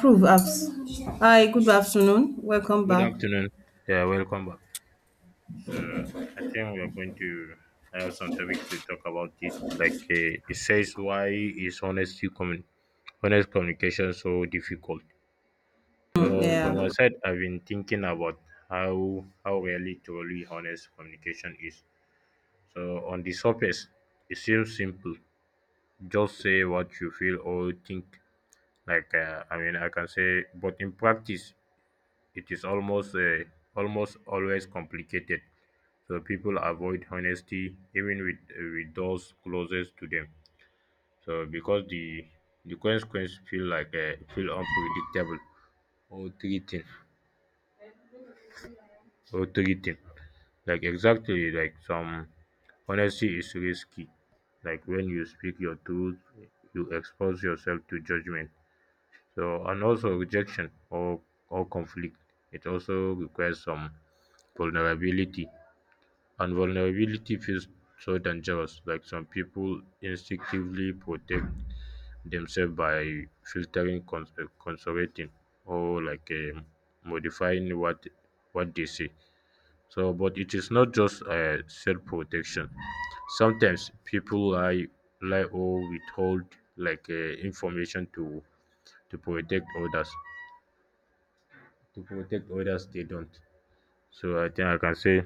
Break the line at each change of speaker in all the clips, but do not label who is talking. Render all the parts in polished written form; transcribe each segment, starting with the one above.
Prove abs. Hi, good afternoon. Welcome
Good
back.
afternoon. Yeah, welcome back. So I think we're going to have some topic to talk about it. It says, why is honest communication so difficult? So from my
Yeah,
side, I've been thinking about how really truly honest communication is. So on the surface, it seems simple. Just say what you feel or think. I mean, I can say, but in practice, it is almost always complicated. So people avoid honesty even with those closest to them. So because the consequence feel feel unpredictable or threatening. Like exactly, like some honesty is risky. Like when you speak your truth, you expose yourself to judgment. So and also rejection or conflict. It also requires some vulnerability. And vulnerability feels so dangerous, like some people instinctively protect themselves by filtering, conservating, or modifying what they say. So, but it is not just self-protection. Sometimes people lie or withhold information to protect others. To protect others, they don't. So I think I can say,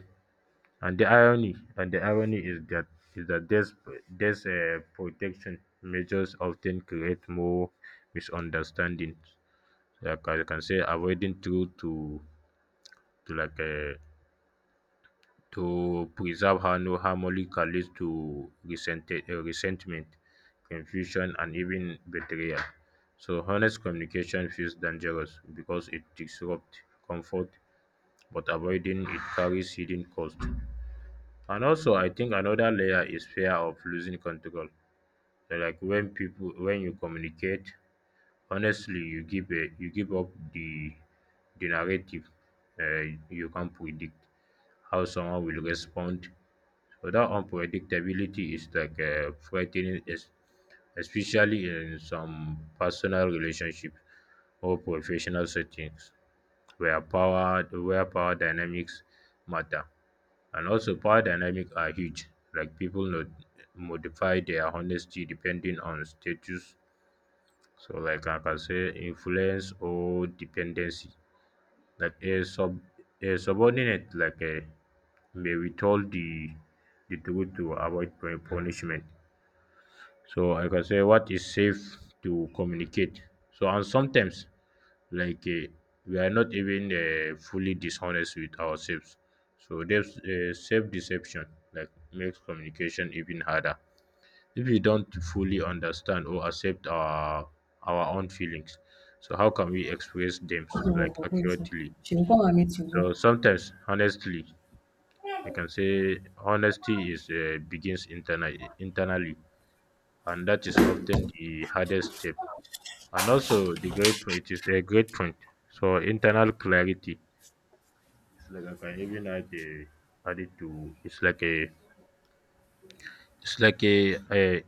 and the irony is that these protection measures often create more misunderstandings. Like I can say, avoiding truth to to like uh, to preserve har- no harmony can lead to resentment, confusion, and even betrayal. So honest communication feels dangerous because it disrupts comfort, but avoiding it carries hidden cost. And also, I think another layer is fear of losing control. So, like when people, when you communicate honestly, you give a, you give up the narrative. You can't predict how someone will respond. So that unpredictability is frightening, especially in some personal relationships or professional settings where power dynamics matter. And also, power dynamics are huge. Like people not modify their honesty depending on status. So, like I can say, influence or dependency. Like a subordinate, like a, may be told the truth to avoid punishment. So I can say what is safe to communicate. So and sometimes like uh, we are not even fully dishonest with ourselves. So there's self deception like makes communication even harder. If we don't fully understand or accept our own feelings, so how can we express them like accurately?
she will come and meet you. Go.
So sometimes, honestly, I can say honesty is begins internally, and that is often the hardest step. And also, the great point, it is a great point. So internal clarity. It's like I can even add it to. It's like a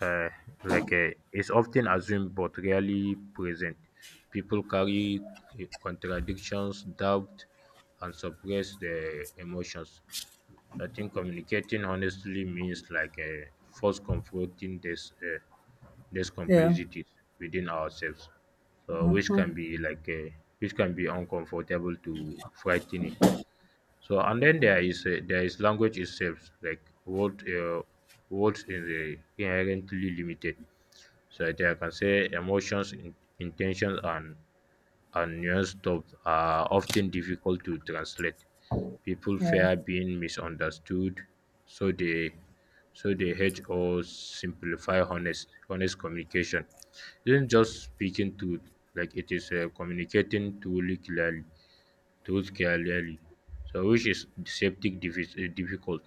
uh, like a it's often assumed but rarely present. People carry contradictions, doubt, and suppress their emotions. I think communicating honestly means like a first confronting this. Less
Yeah,
complexities within ourselves, so which can be which can be uncomfortable to frightening. So and then there is language itself, like words is inherently limited. So that I can say emotions, intentions, and nuanced thoughts are often difficult to translate. People
yeah,
fear being misunderstood, so they hedge or simplify honest communication. It isn't just speaking truth, it is communicating truth clearly. So which is deceptive difficult.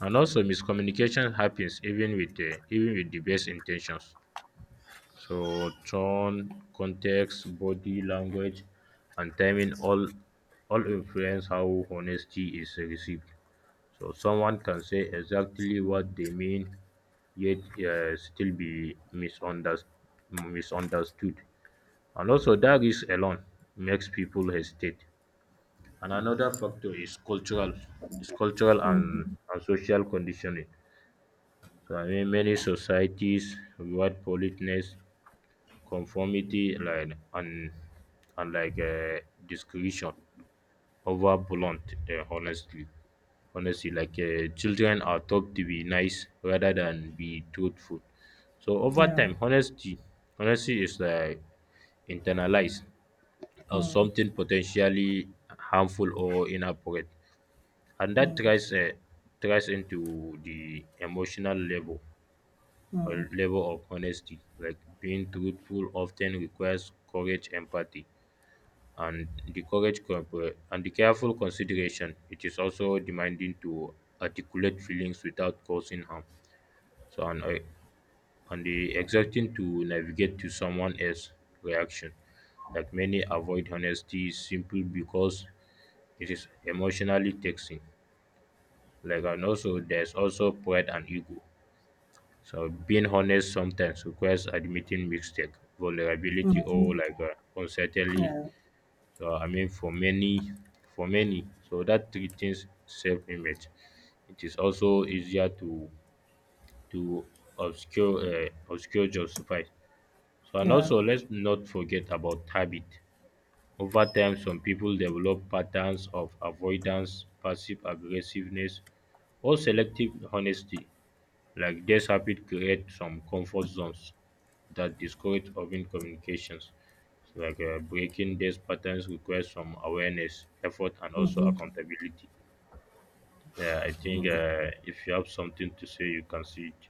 And also miscommunication happens even with the best intentions. So tone, context, body language, and timing all influence how honesty is received. So someone can say exactly what they mean, yet still be misunderstood. And also, that risk alone makes people hesitate. And another factor is cultural and social conditioning. So I mean, many societies reward politeness, conformity, and discretion over blunt uh, honestly honestly. Children are taught to be nice rather than be truthful. So over
yeah.
time, honesty is like internalized as
Mm,
something potentially harmful or inappropriate, and that
mm,
tries into the emotional level or
mm,
level of honesty. Like being truthful often requires courage, empathy, and the careful consideration. It is also demanding to articulate feelings without causing harm. So and the exerting to navigate to someone else's reaction, like many avoid honesty simply because it is emotionally taxing. Like, and also there's also pride and ego. So being honest sometimes requires admitting mistake, vulnerability,
mm,
or uncertainty.
yeah,
I mean for many, so that threatens self-image. It is also easier to obscure, justify. So and
yeah.
also, let's not forget about habit. Over time, some people develop patterns of avoidance, passive aggressiveness, or selective honesty. Like this habit create some comfort zones that discourage open communications. So breaking these patterns requires some awareness, effort, and also accountability. Yeah, I think if you have something to say, you can see it.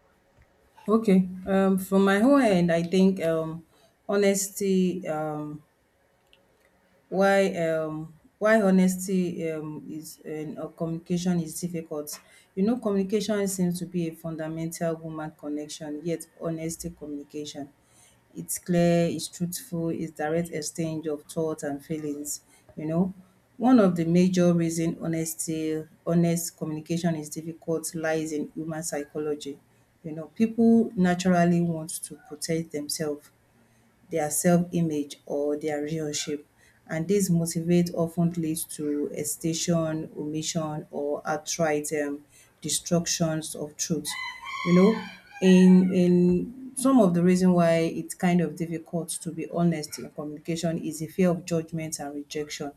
Okay. From my own end, I think honesty. Why why honesty is or communication is difficult, you know, communication seems to be a fundamental human connection, yet honesty communication. It's clear, it's truthful, it's direct exchange of thoughts and feelings, you know. One of the major reason honest communication is difficult lies in human psychology. You know, people naturally want to protect themselves, their self-image or their relationship, and this motivate often leads to hesitation, omission, or outright destructions of truth. You know, in some of the reason why it's kind of difficult to be honest in communication is the fear of judgment and rejection.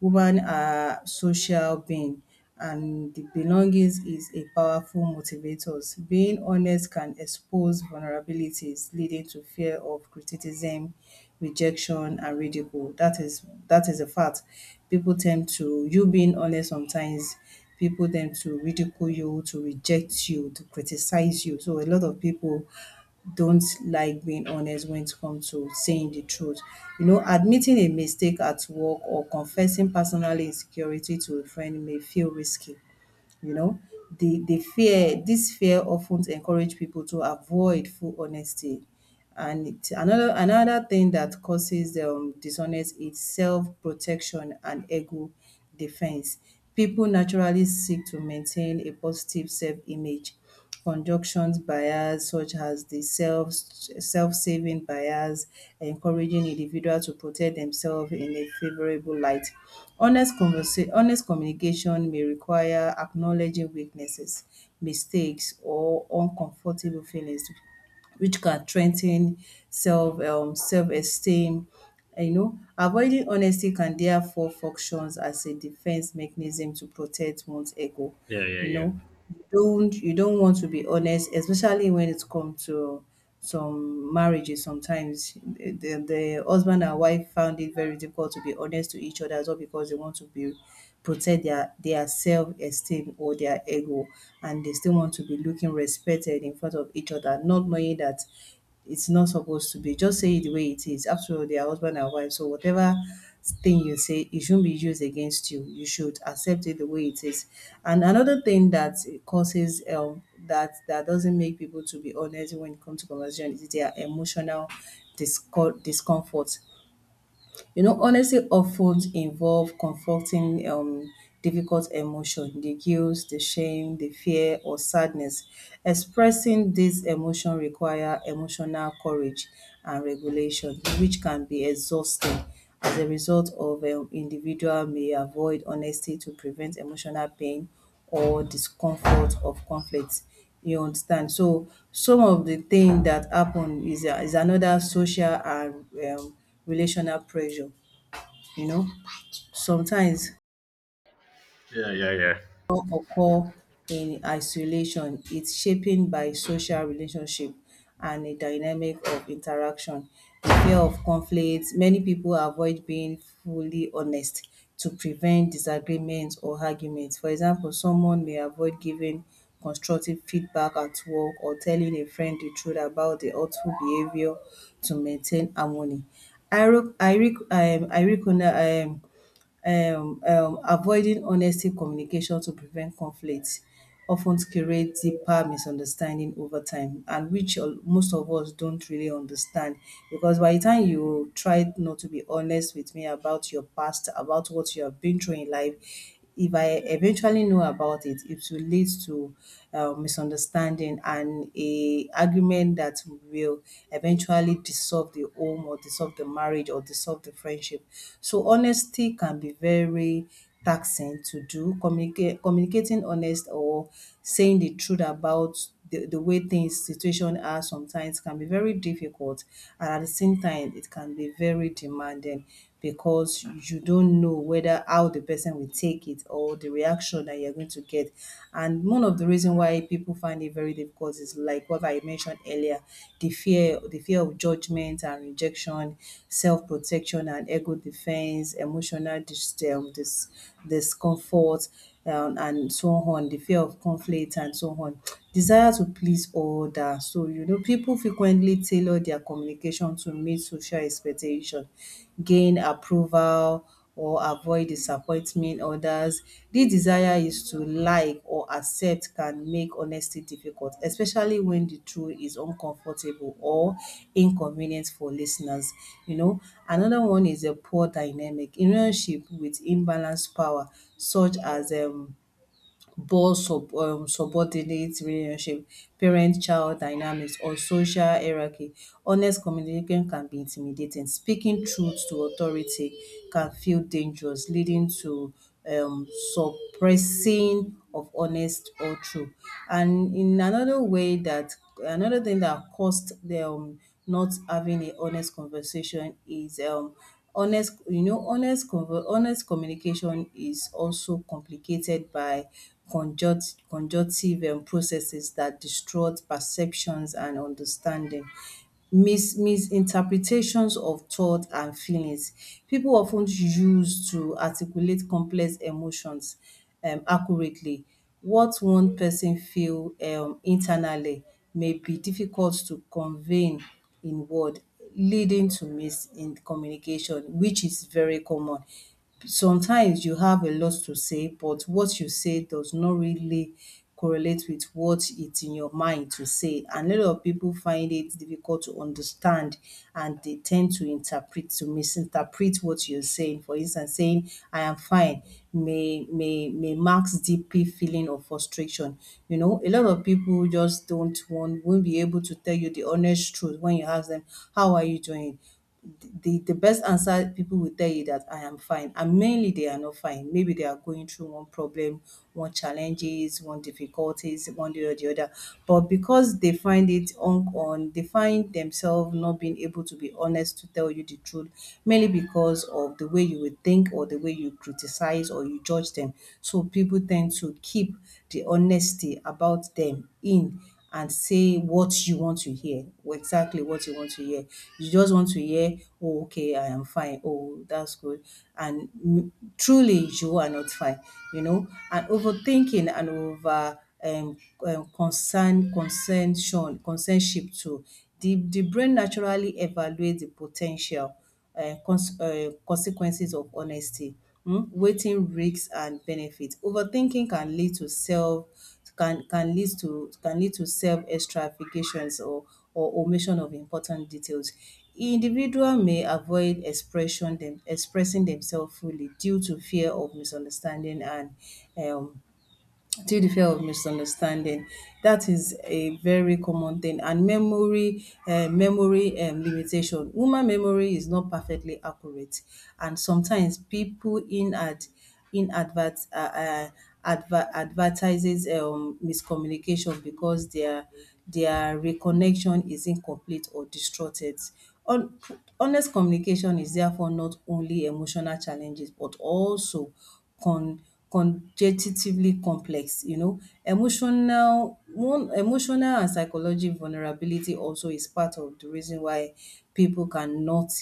Women are social being and the belongings is a powerful motivators. Being honest can expose vulnerabilities leading to fear of criticism, rejection and ridicule. That is a fact. People tend to you being honest sometimes, people tend to ridicule you, to reject you, to criticize you. So a lot of people don't like being honest when it comes to saying the truth. You know, admitting a mistake at work or confessing personal insecurity to a friend may feel risky. You know, the fear this fear often encourage people to avoid full honesty. And it, another thing that causes dishonest is self protection and ego defense. People naturally seek to maintain a positive self image, conjunction bias such as the self-saving bias, encouraging individuals to protect themselves in a favorable light. Honest communication may require acknowledging weaknesses, mistakes or uncomfortable feelings which can strengthen self-esteem. You know, avoiding honesty can therefore functions as a defense mechanism to protect one's ego.
Yeah, yeah,
You
yeah,
know, you don't want to be honest, especially when it comes to some marriages. Sometimes the husband and wife found it very difficult to be honest to each other as well because they want to be protect their self-esteem or their ego, and they still want to be looking respected in front of each other not knowing that it's not supposed to be. Just say it the way it is. After all, they are husband and wife. So whatever thing you say, it shouldn't be used against you. You should accept it the way it is. And another thing that causes that that doesn't make people to be honest when it comes to conversation is their emotional discomfort. You know, honesty often involve confronting difficult emotion, the guilt, the shame, the fear, or sadness. Expressing this emotion require emotional courage and regulation, which can be exhausting. As a result of individual may avoid honesty to prevent emotional pain or discomfort of conflict. You understand? So some of the thing that happen is a, is another social and um, relational pressure. You know, sometimes
yeah, yeah, yeah,
occur in isolation. It's shaping by social relationship and a dynamic of interaction. The fear of conflict, many people avoid being fully honest to prevent disagreements or arguments. For example, someone may avoid giving constructive feedback at work or telling a friend the truth about the hurtful behavior to maintain harmony. I rec- I Iro- ironical- um Avoiding honesty communication to prevent conflict often creates deeper misunderstanding over time, and which most of us don't really understand. Because by the time you try not to be honest with me about your past, about what you have been through in life, if I eventually know about it, it will lead to misunderstanding and a argument that will eventually dissolve the home or dissolve the marriage or dissolve the friendship. So honesty can be very taxing to do. Communicate Communicating honest or saying the truth about the way things situation are sometimes can be very difficult, and at the same time it can be very demanding because you don't know whether how the person will take it or the reaction that you're going to get. And one of the reason why people find it very difficult is like what I mentioned earlier, the fear of judgment and rejection, self-protection and ego defense, emotional discomfort, and so on the fear of conflict and so on, desire to please others. So, you know, people frequently tailor their communication to meet social expectation, gain approval, or avoid disappointment. Others. This desire is to like or accept can make honesty difficult, especially when the truth is uncomfortable or inconvenient for listeners. You know, another one is a poor dynamic in relationship with imbalanced power, such as boss subordinate relationship, parent child dynamics or social hierarchy. Honest communication can be intimidating. Speaking truth to authority can feel dangerous, leading to um suppressing of honest or true. And in another way that, another thing that caused them not having a honest conversation is honest, you know, honest communication is also complicated by conjunctive processes that distort perceptions and understanding. Misinterpretations of thought and feelings. People often use to articulate complex emotions accurately. What one person feel internally may be difficult to convey in word, leading to miscommunication, which is very common. Sometimes you have a lot to say, but what you say does not really correlate with what it's in your mind to say. And a lot of people find it difficult to understand, and they tend to interpret, to misinterpret what you're saying. For instance, saying, "I am fine" may mask deep feeling of frustration. You know, a lot of people just don't want won't be able to tell you the honest truth when you ask them, "How are you doing?" The best answer people will tell you that I am fine, and mainly they are not fine. Maybe they are going through one problem, one challenges, one difficulties, one day or the other. But because they find it they find themselves not being able to be honest to tell you the truth, mainly because of the way you would think or the way you criticize or you judge them. So people tend to keep the honesty about them in and say what you want to hear, or exactly what you want to hear. You just want to hear, "Oh, okay, I am fine. Oh, that's good." And truly, you are not fine, you know. And overthinking and over concern, concernship too. The brain naturally evaluates the potential consequences of honesty wetin risks and benefits. Overthinking can lead to self, can lead to self extravagations or omission of important details. Individual may avoid expression them expressing themselves fully due to fear of misunderstanding and um due to fear of misunderstanding. That is a very common thing. And memory limitation. Woman memory is not perfectly accurate, and sometimes people in ad, in advert uh, uh, advertises miscommunication because their reconnection is incomplete or distorted. Hon- Honest communication is therefore not only emotional challenges but also con conjectively complex, you know. Emotional and psychological vulnerability also is part of the reason why people cannot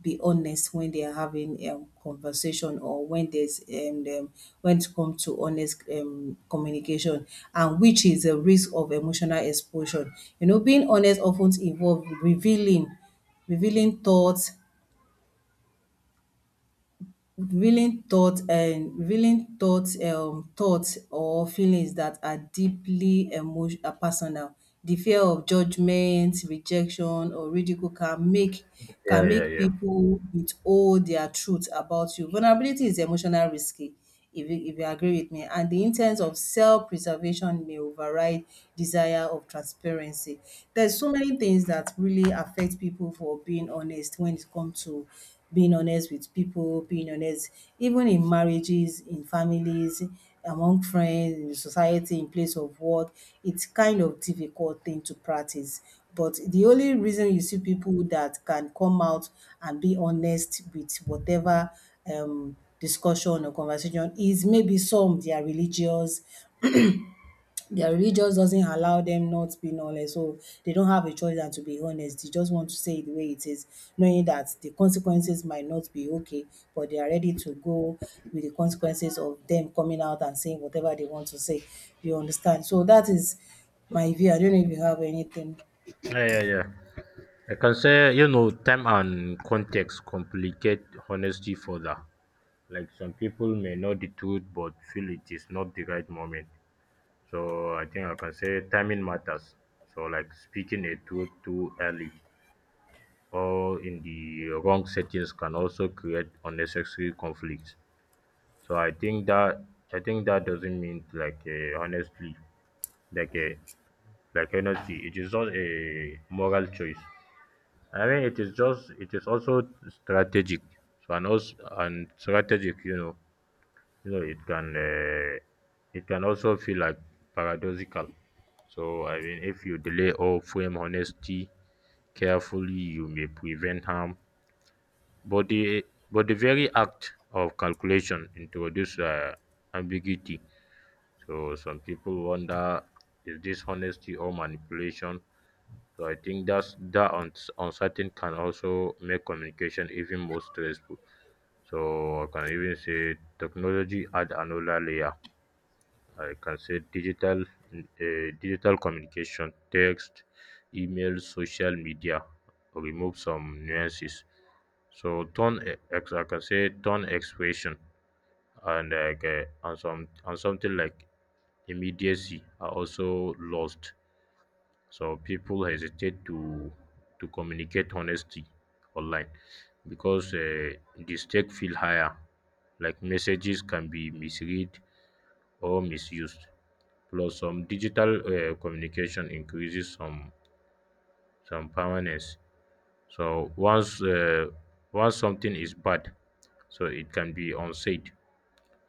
be honest when they are having conversation or when there's when it comes to honest communication, and which is a risk of emotional exposure. You know, being honest often involves revealing, revealing thoughts revealing thoughts and revealing thoughts, thoughts or feelings that are deeply personal. The fear of judgment, rejection, or ridicule can make,
yeah,
can make
yeah,
people withhold their truth about you. Vulnerability is emotional risky, if you agree with me. And the intent of self-preservation may override desire of transparency. There's so many things that really affect people for being honest when it comes to being honest with people, being honest even in marriages, in families, among friends, in society, in place of work. It's kind of difficult thing to practice. But the only reason you see people that can come out and be honest with whatever discussion or conversation is maybe some they are religious, their religious doesn't allow them not being honest, so they don't have a choice than to be honest. They just want to say it the way it is, knowing that the consequences might not be okay, but they are ready to go with the consequences of them coming out and saying whatever they want to say, you understand. So that is my view, I don't know if you have anything.
yeah, yeah, yeah, yeah. I can say, you know, time and context complicate honesty further. Like some people may know the truth but feel it is not the right moment. So I think I can say timing matters. So like speaking a truth too early or in the wrong settings can also create unnecessary conflicts. So I think that, I think that doesn't mean honestly, like a like honesty. It is just a moral choice. I mean, it is just, it is also strategic. So and also and strategic, you know. You know, it can also feel like paradoxical. So I mean, if you delay or frame honesty carefully, you may prevent harm. But the but the very act of calculation introduces ambiguity. So some people wonder, is this honesty or manipulation? So I think that's uncertain can also make communication even more stressful. So I can even say technology add another layer. I can say uh, digital communication, text, email, social media remove some nuances. So tone e, ex I can say tone, expression, and something like immediacy are also lost. So people hesitate to communicate honesty online, because the stakes feel higher. Like messages can be misread or misused. Plus, some digital communication increases some permanence. So once something is bad, so it can be unsaid.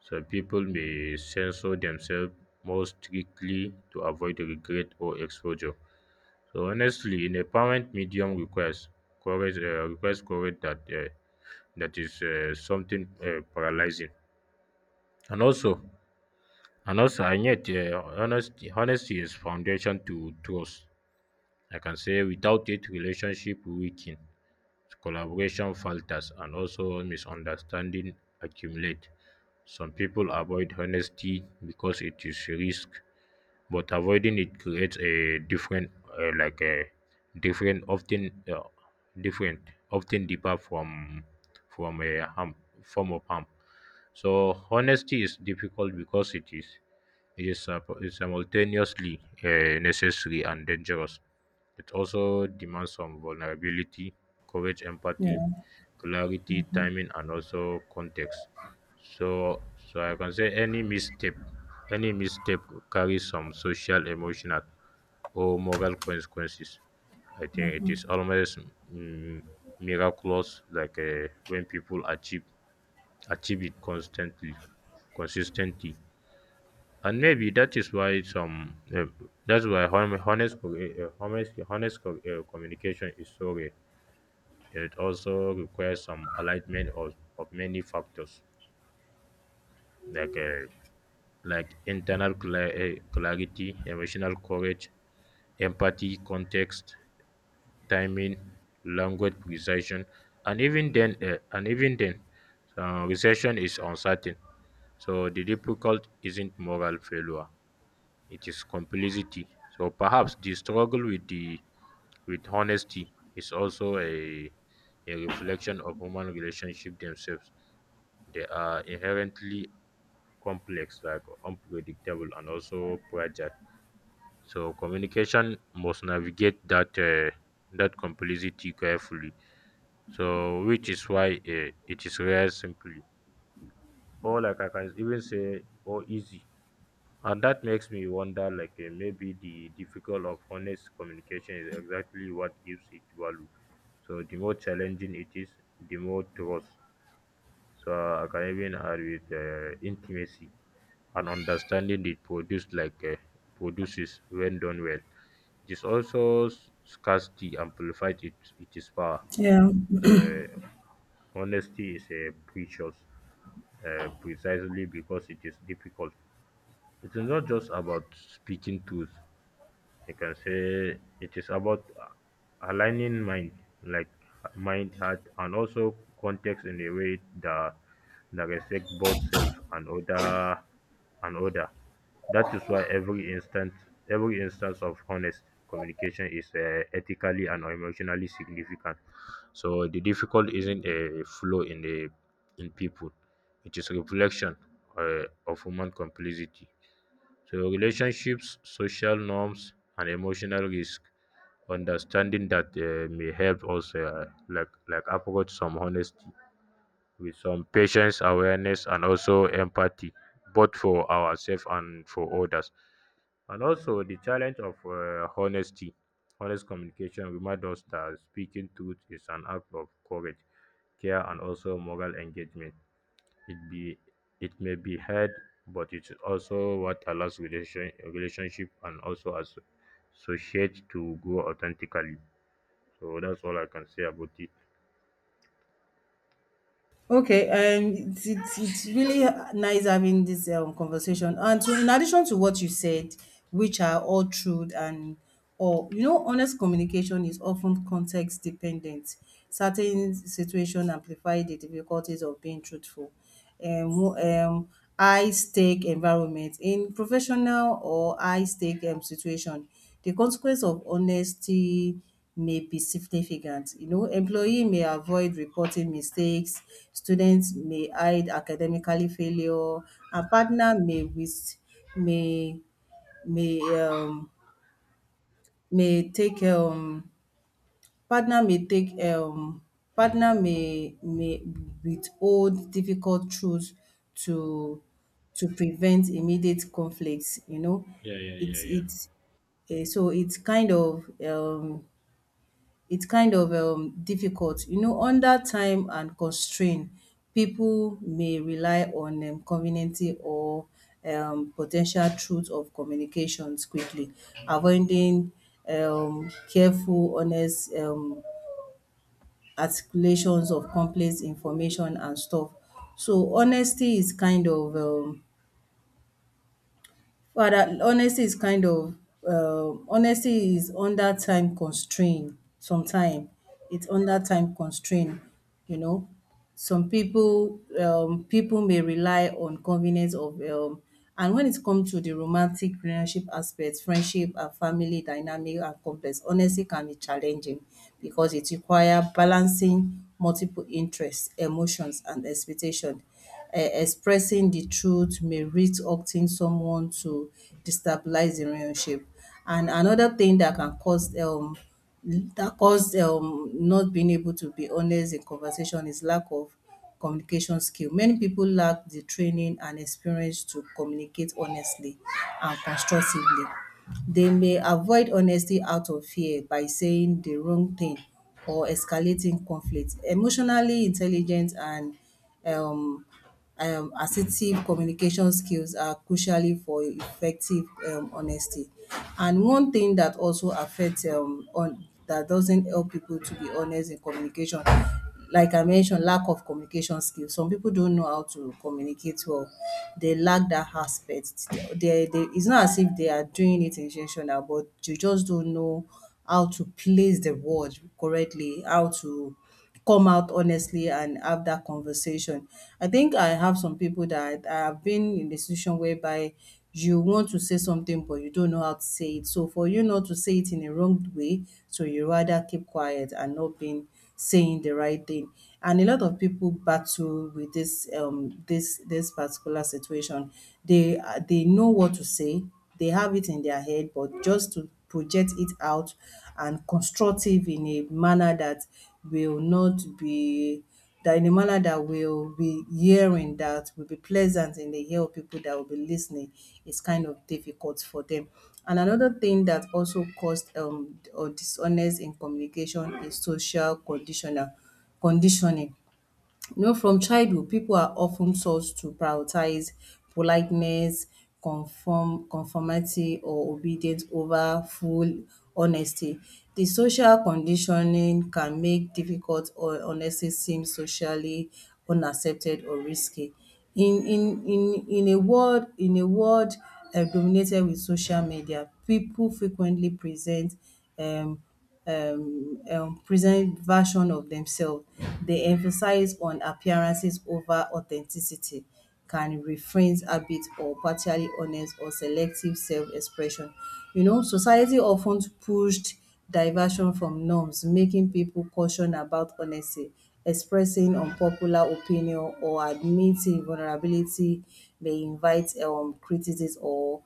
So people may censor themselves more strictly to avoid regret or exposure. So honestly, in a permanent medium request courage that that is something paralyzing. And also, and yet, honesty is foundation to trust. I can say without it, relationship weaken, collaboration falters, and also misunderstanding accumulate. Some people avoid honesty because it is risk, but avoiding it creates a different, like a different, different, often deeper, from a form of harm. So honesty is difficult because is simultaneously necessary and dangerous. It also demands some vulnerability, courage,
Yeah,
empathy, clarity, timing, and also context. So, so I can say any misstep carries some social, emotional, or moral consequences. I think it is almost mm, miraculous, when people achieve it constantly, consistently. And maybe that is why some that's why hon- honest co- honest honest co- communication is so rare. It also requires some alignment of many factors, like uh, like internal clarity, emotional courage, empathy, context, timing, language precision, and even then, recession is uncertain. So the difficult isn't moral failure, it is complicity. So perhaps the struggle with the with honesty is also a reflection of human relationship themselves. They are inherently complex, like unpredictable and also fragile. So communication must navigate that complicity carefully. So which is why it is rare simply. Or like I can even say, or easy. And that makes me wonder like maybe the difficult of honest communication is exactly what gives it value. So the more challenging it is, the more trust. So I can even add with intimacy and understanding it produced like produces when done well. This also scarcity amplified it, it is power.
yeah.
Honesty is a precious precisely because it is difficult. It is not just about speaking truth, you can say it is about aligning mind, like mind, heart, and also context in a way that respect both self and other. That is why every instance of honest communication is ethically and emotionally significant. So the difficult isn't a flaw in the, in people, it is reflection of human complexity. So, relationships, social norms, and emotional risk, understanding that may help us like approach some honesty with some patience, awareness, and also empathy, both for ourselves and for others. And also the challenge of honest communication remind us that speaking truth is an act of courage, care, and also moral engagement. it be it may be hard, but it's also what allows relationship and also as associate to grow authentically. So that's all I can say about it.
Okay, it's really nice having this conversation. And so, in addition to what you said, which are all true and or you know, honest communication is often context dependent. Certain situations amplify the difficulties of being truthful. um, who, um, High-stake environment. In professional or high-stake situation, the consequence of honesty may be significant. You know, employee may avoid reporting mistakes, students may hide academically failure, and partner may with may may um may take Partner may take partner may withhold difficult truths to to prevent immediate conflicts.
Yeah, yeah, yeah, yeah.
It's eh, so it's kind of difficult. You know, under time and constraint, people may rely on conveniency or potential ten truth of communications quickly, avoiding careful, honest articulations of complex information and stuff. So honesty is kind of Rather, honesty is under time constraint sometime. It's under time constraint, you know. Some people may rely on convenience of and when it comes to the romantic relationship aspects, friendship and family dynamic are complex. Honesty can be challenging because it requires balancing multiple interests, emotions and expectation. Expressing the truth may risk hurting someone to destabilize the relationship. And another thing that can cause not being able to be honest in conversation is lack of communication skill. Many people lack the training and experience to communicate honestly and constructively. They may avoid honesty out of fear by saying the wrong thing or escalating conflict. Emotionally intelligent and um, assertive communication skills are crucially for effective honesty. And one thing that also affects on that doesn't help people to be honest in communication, like I mentioned, lack of communication skills. Some people don't know how to communicate well. They lack that aspect. It's not as if they are doing it intentional, but you just don't know how to place the word correctly, how to come out honestly and have that conversation. I think I have some people that I have been in the situation whereby you want to say something but you don't know how to say it. So for you not to say it in a wrong way, so you rather keep quiet and not being saying the right thing. And a lot of people battle with this this particular situation. They know what to say, they have it in their head, but just to project it out and constructive in a manner that will not be that in a manner that will be hearing that will be pleasant in the ear of people that will be listening, is kind of difficult for them. And another thing that also caused or dishonest in communication is social conditional conditioning. You know, from childhood, people are often taught to prioritize politeness, conformity, or obedience over full honesty. The social conditioning can make difficult or honesty seem socially unaccepted or risky. In a world dominated with social media, people frequently present um present version of themselves. They emphasize on appearances over authenticity, can refrain a bit or partially honest or selective self-expression. You know, society often pushed diversion from norms, making people caution about honesty. Expressing unpopular opinion or admitting vulnerability may invite criticism or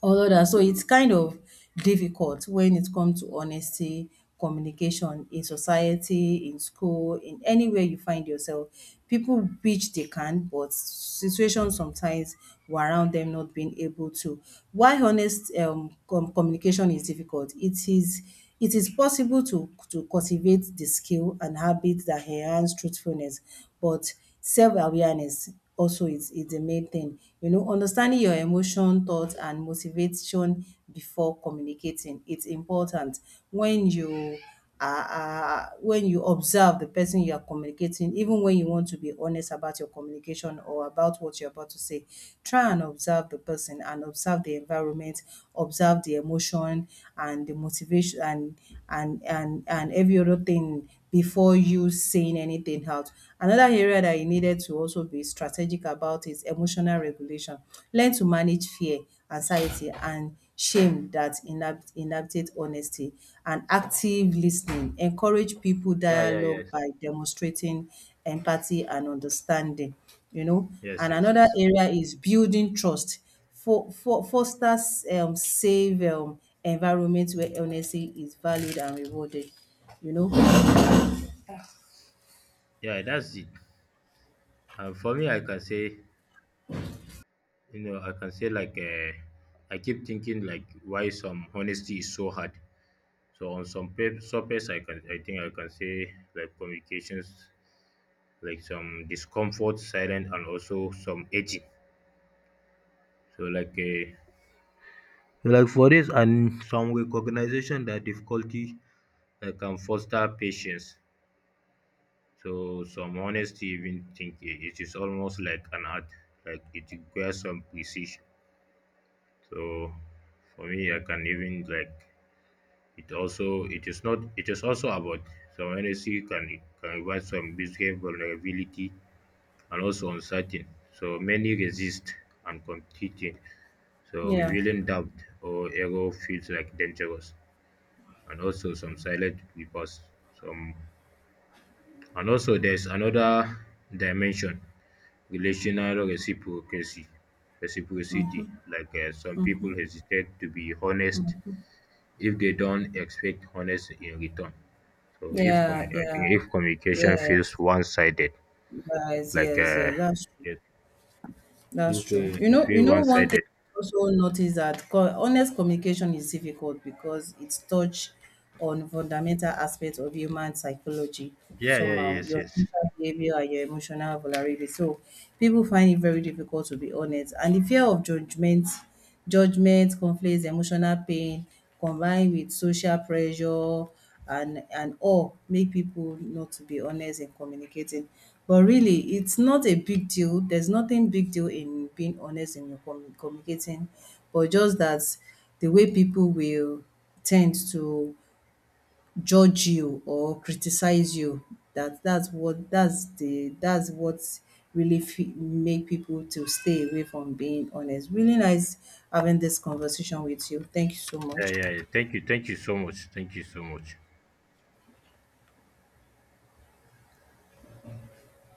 all of that. So it's kind of difficult when it comes to honesty, communication in society, in school, in anywhere you find yourself. People which they can, but situations sometimes were around them not being able to. Why honest communication is difficult? It is possible to cultivate the skill and habit that enhance truthfulness, but self-awareness also is the main thing. You know, understanding your emotion, thoughts, and motivation before communicating. It's important when you are when you observe the person you are communicating, even when you want to be honest about your communication or about what you're about to say, try and observe the person and observe the environment, observe the emotion and the motivation and every other thing before you saying anything out. Another area that you needed to also be strategic about is emotional regulation. Learn to manage fear, anxiety, and shame that inhabitate honesty, and active listening. Encourage people dialogue
Yes,
by demonstrating empathy and understanding, you know.
yes,
And
yes,
another
yes.
area is building trust. Fosters safe environment where honesty is valued and rewarded, you know.
Yeah, that's it. And for me, I can say, you know, I can say I keep thinking like why some honesty is so hard. So on some surface, I can, I think I can say like communications, like some discomfort, silent, and also some edging. So for this and some recognition that difficulty can foster patience. So some honesty even think it is almost like an art, like it requires some precision. So for me, I can even like it also, it is not, it is also about some honesty can invite some business vulnerability and also uncertain. So many resist and competing. So
Yeah,
revealing doubt or error feels like dangerous, and also some silent reports, some. And also there's another dimension, relational reciprocity. Some people hesitate to be honest if they don't expect honest in return. So if
yeah,
I
yeah,
think if communication
yes,
feels one-sided,
yes,
like
yes,
uh
yes. That's true.
yes,
That's
if
true.
it
You
feels
know, one thing
one-sided.
I also notice that honest communication is difficult because it's touch on fundamental aspects of human psychology
Yeah, yeah,
somehow,
yes,
your
yes.
social behavior and your emotional vulnerability. So people find it very difficult to be honest. And the fear of judgment, conflicts, emotional pain, combined with social pressure and awe make people know to be honest in communicating. But really, it's not a big deal. There's nothing big deal in being honest in your communicating, but just that the way people will tend to judge you or criticize you that that's what that's the that's what really fe make people to stay away from being honest. Really nice having this conversation with you, thank you so
Yeah,
much.
yeah, yeah. Thank you, thank you so much, thank you so much.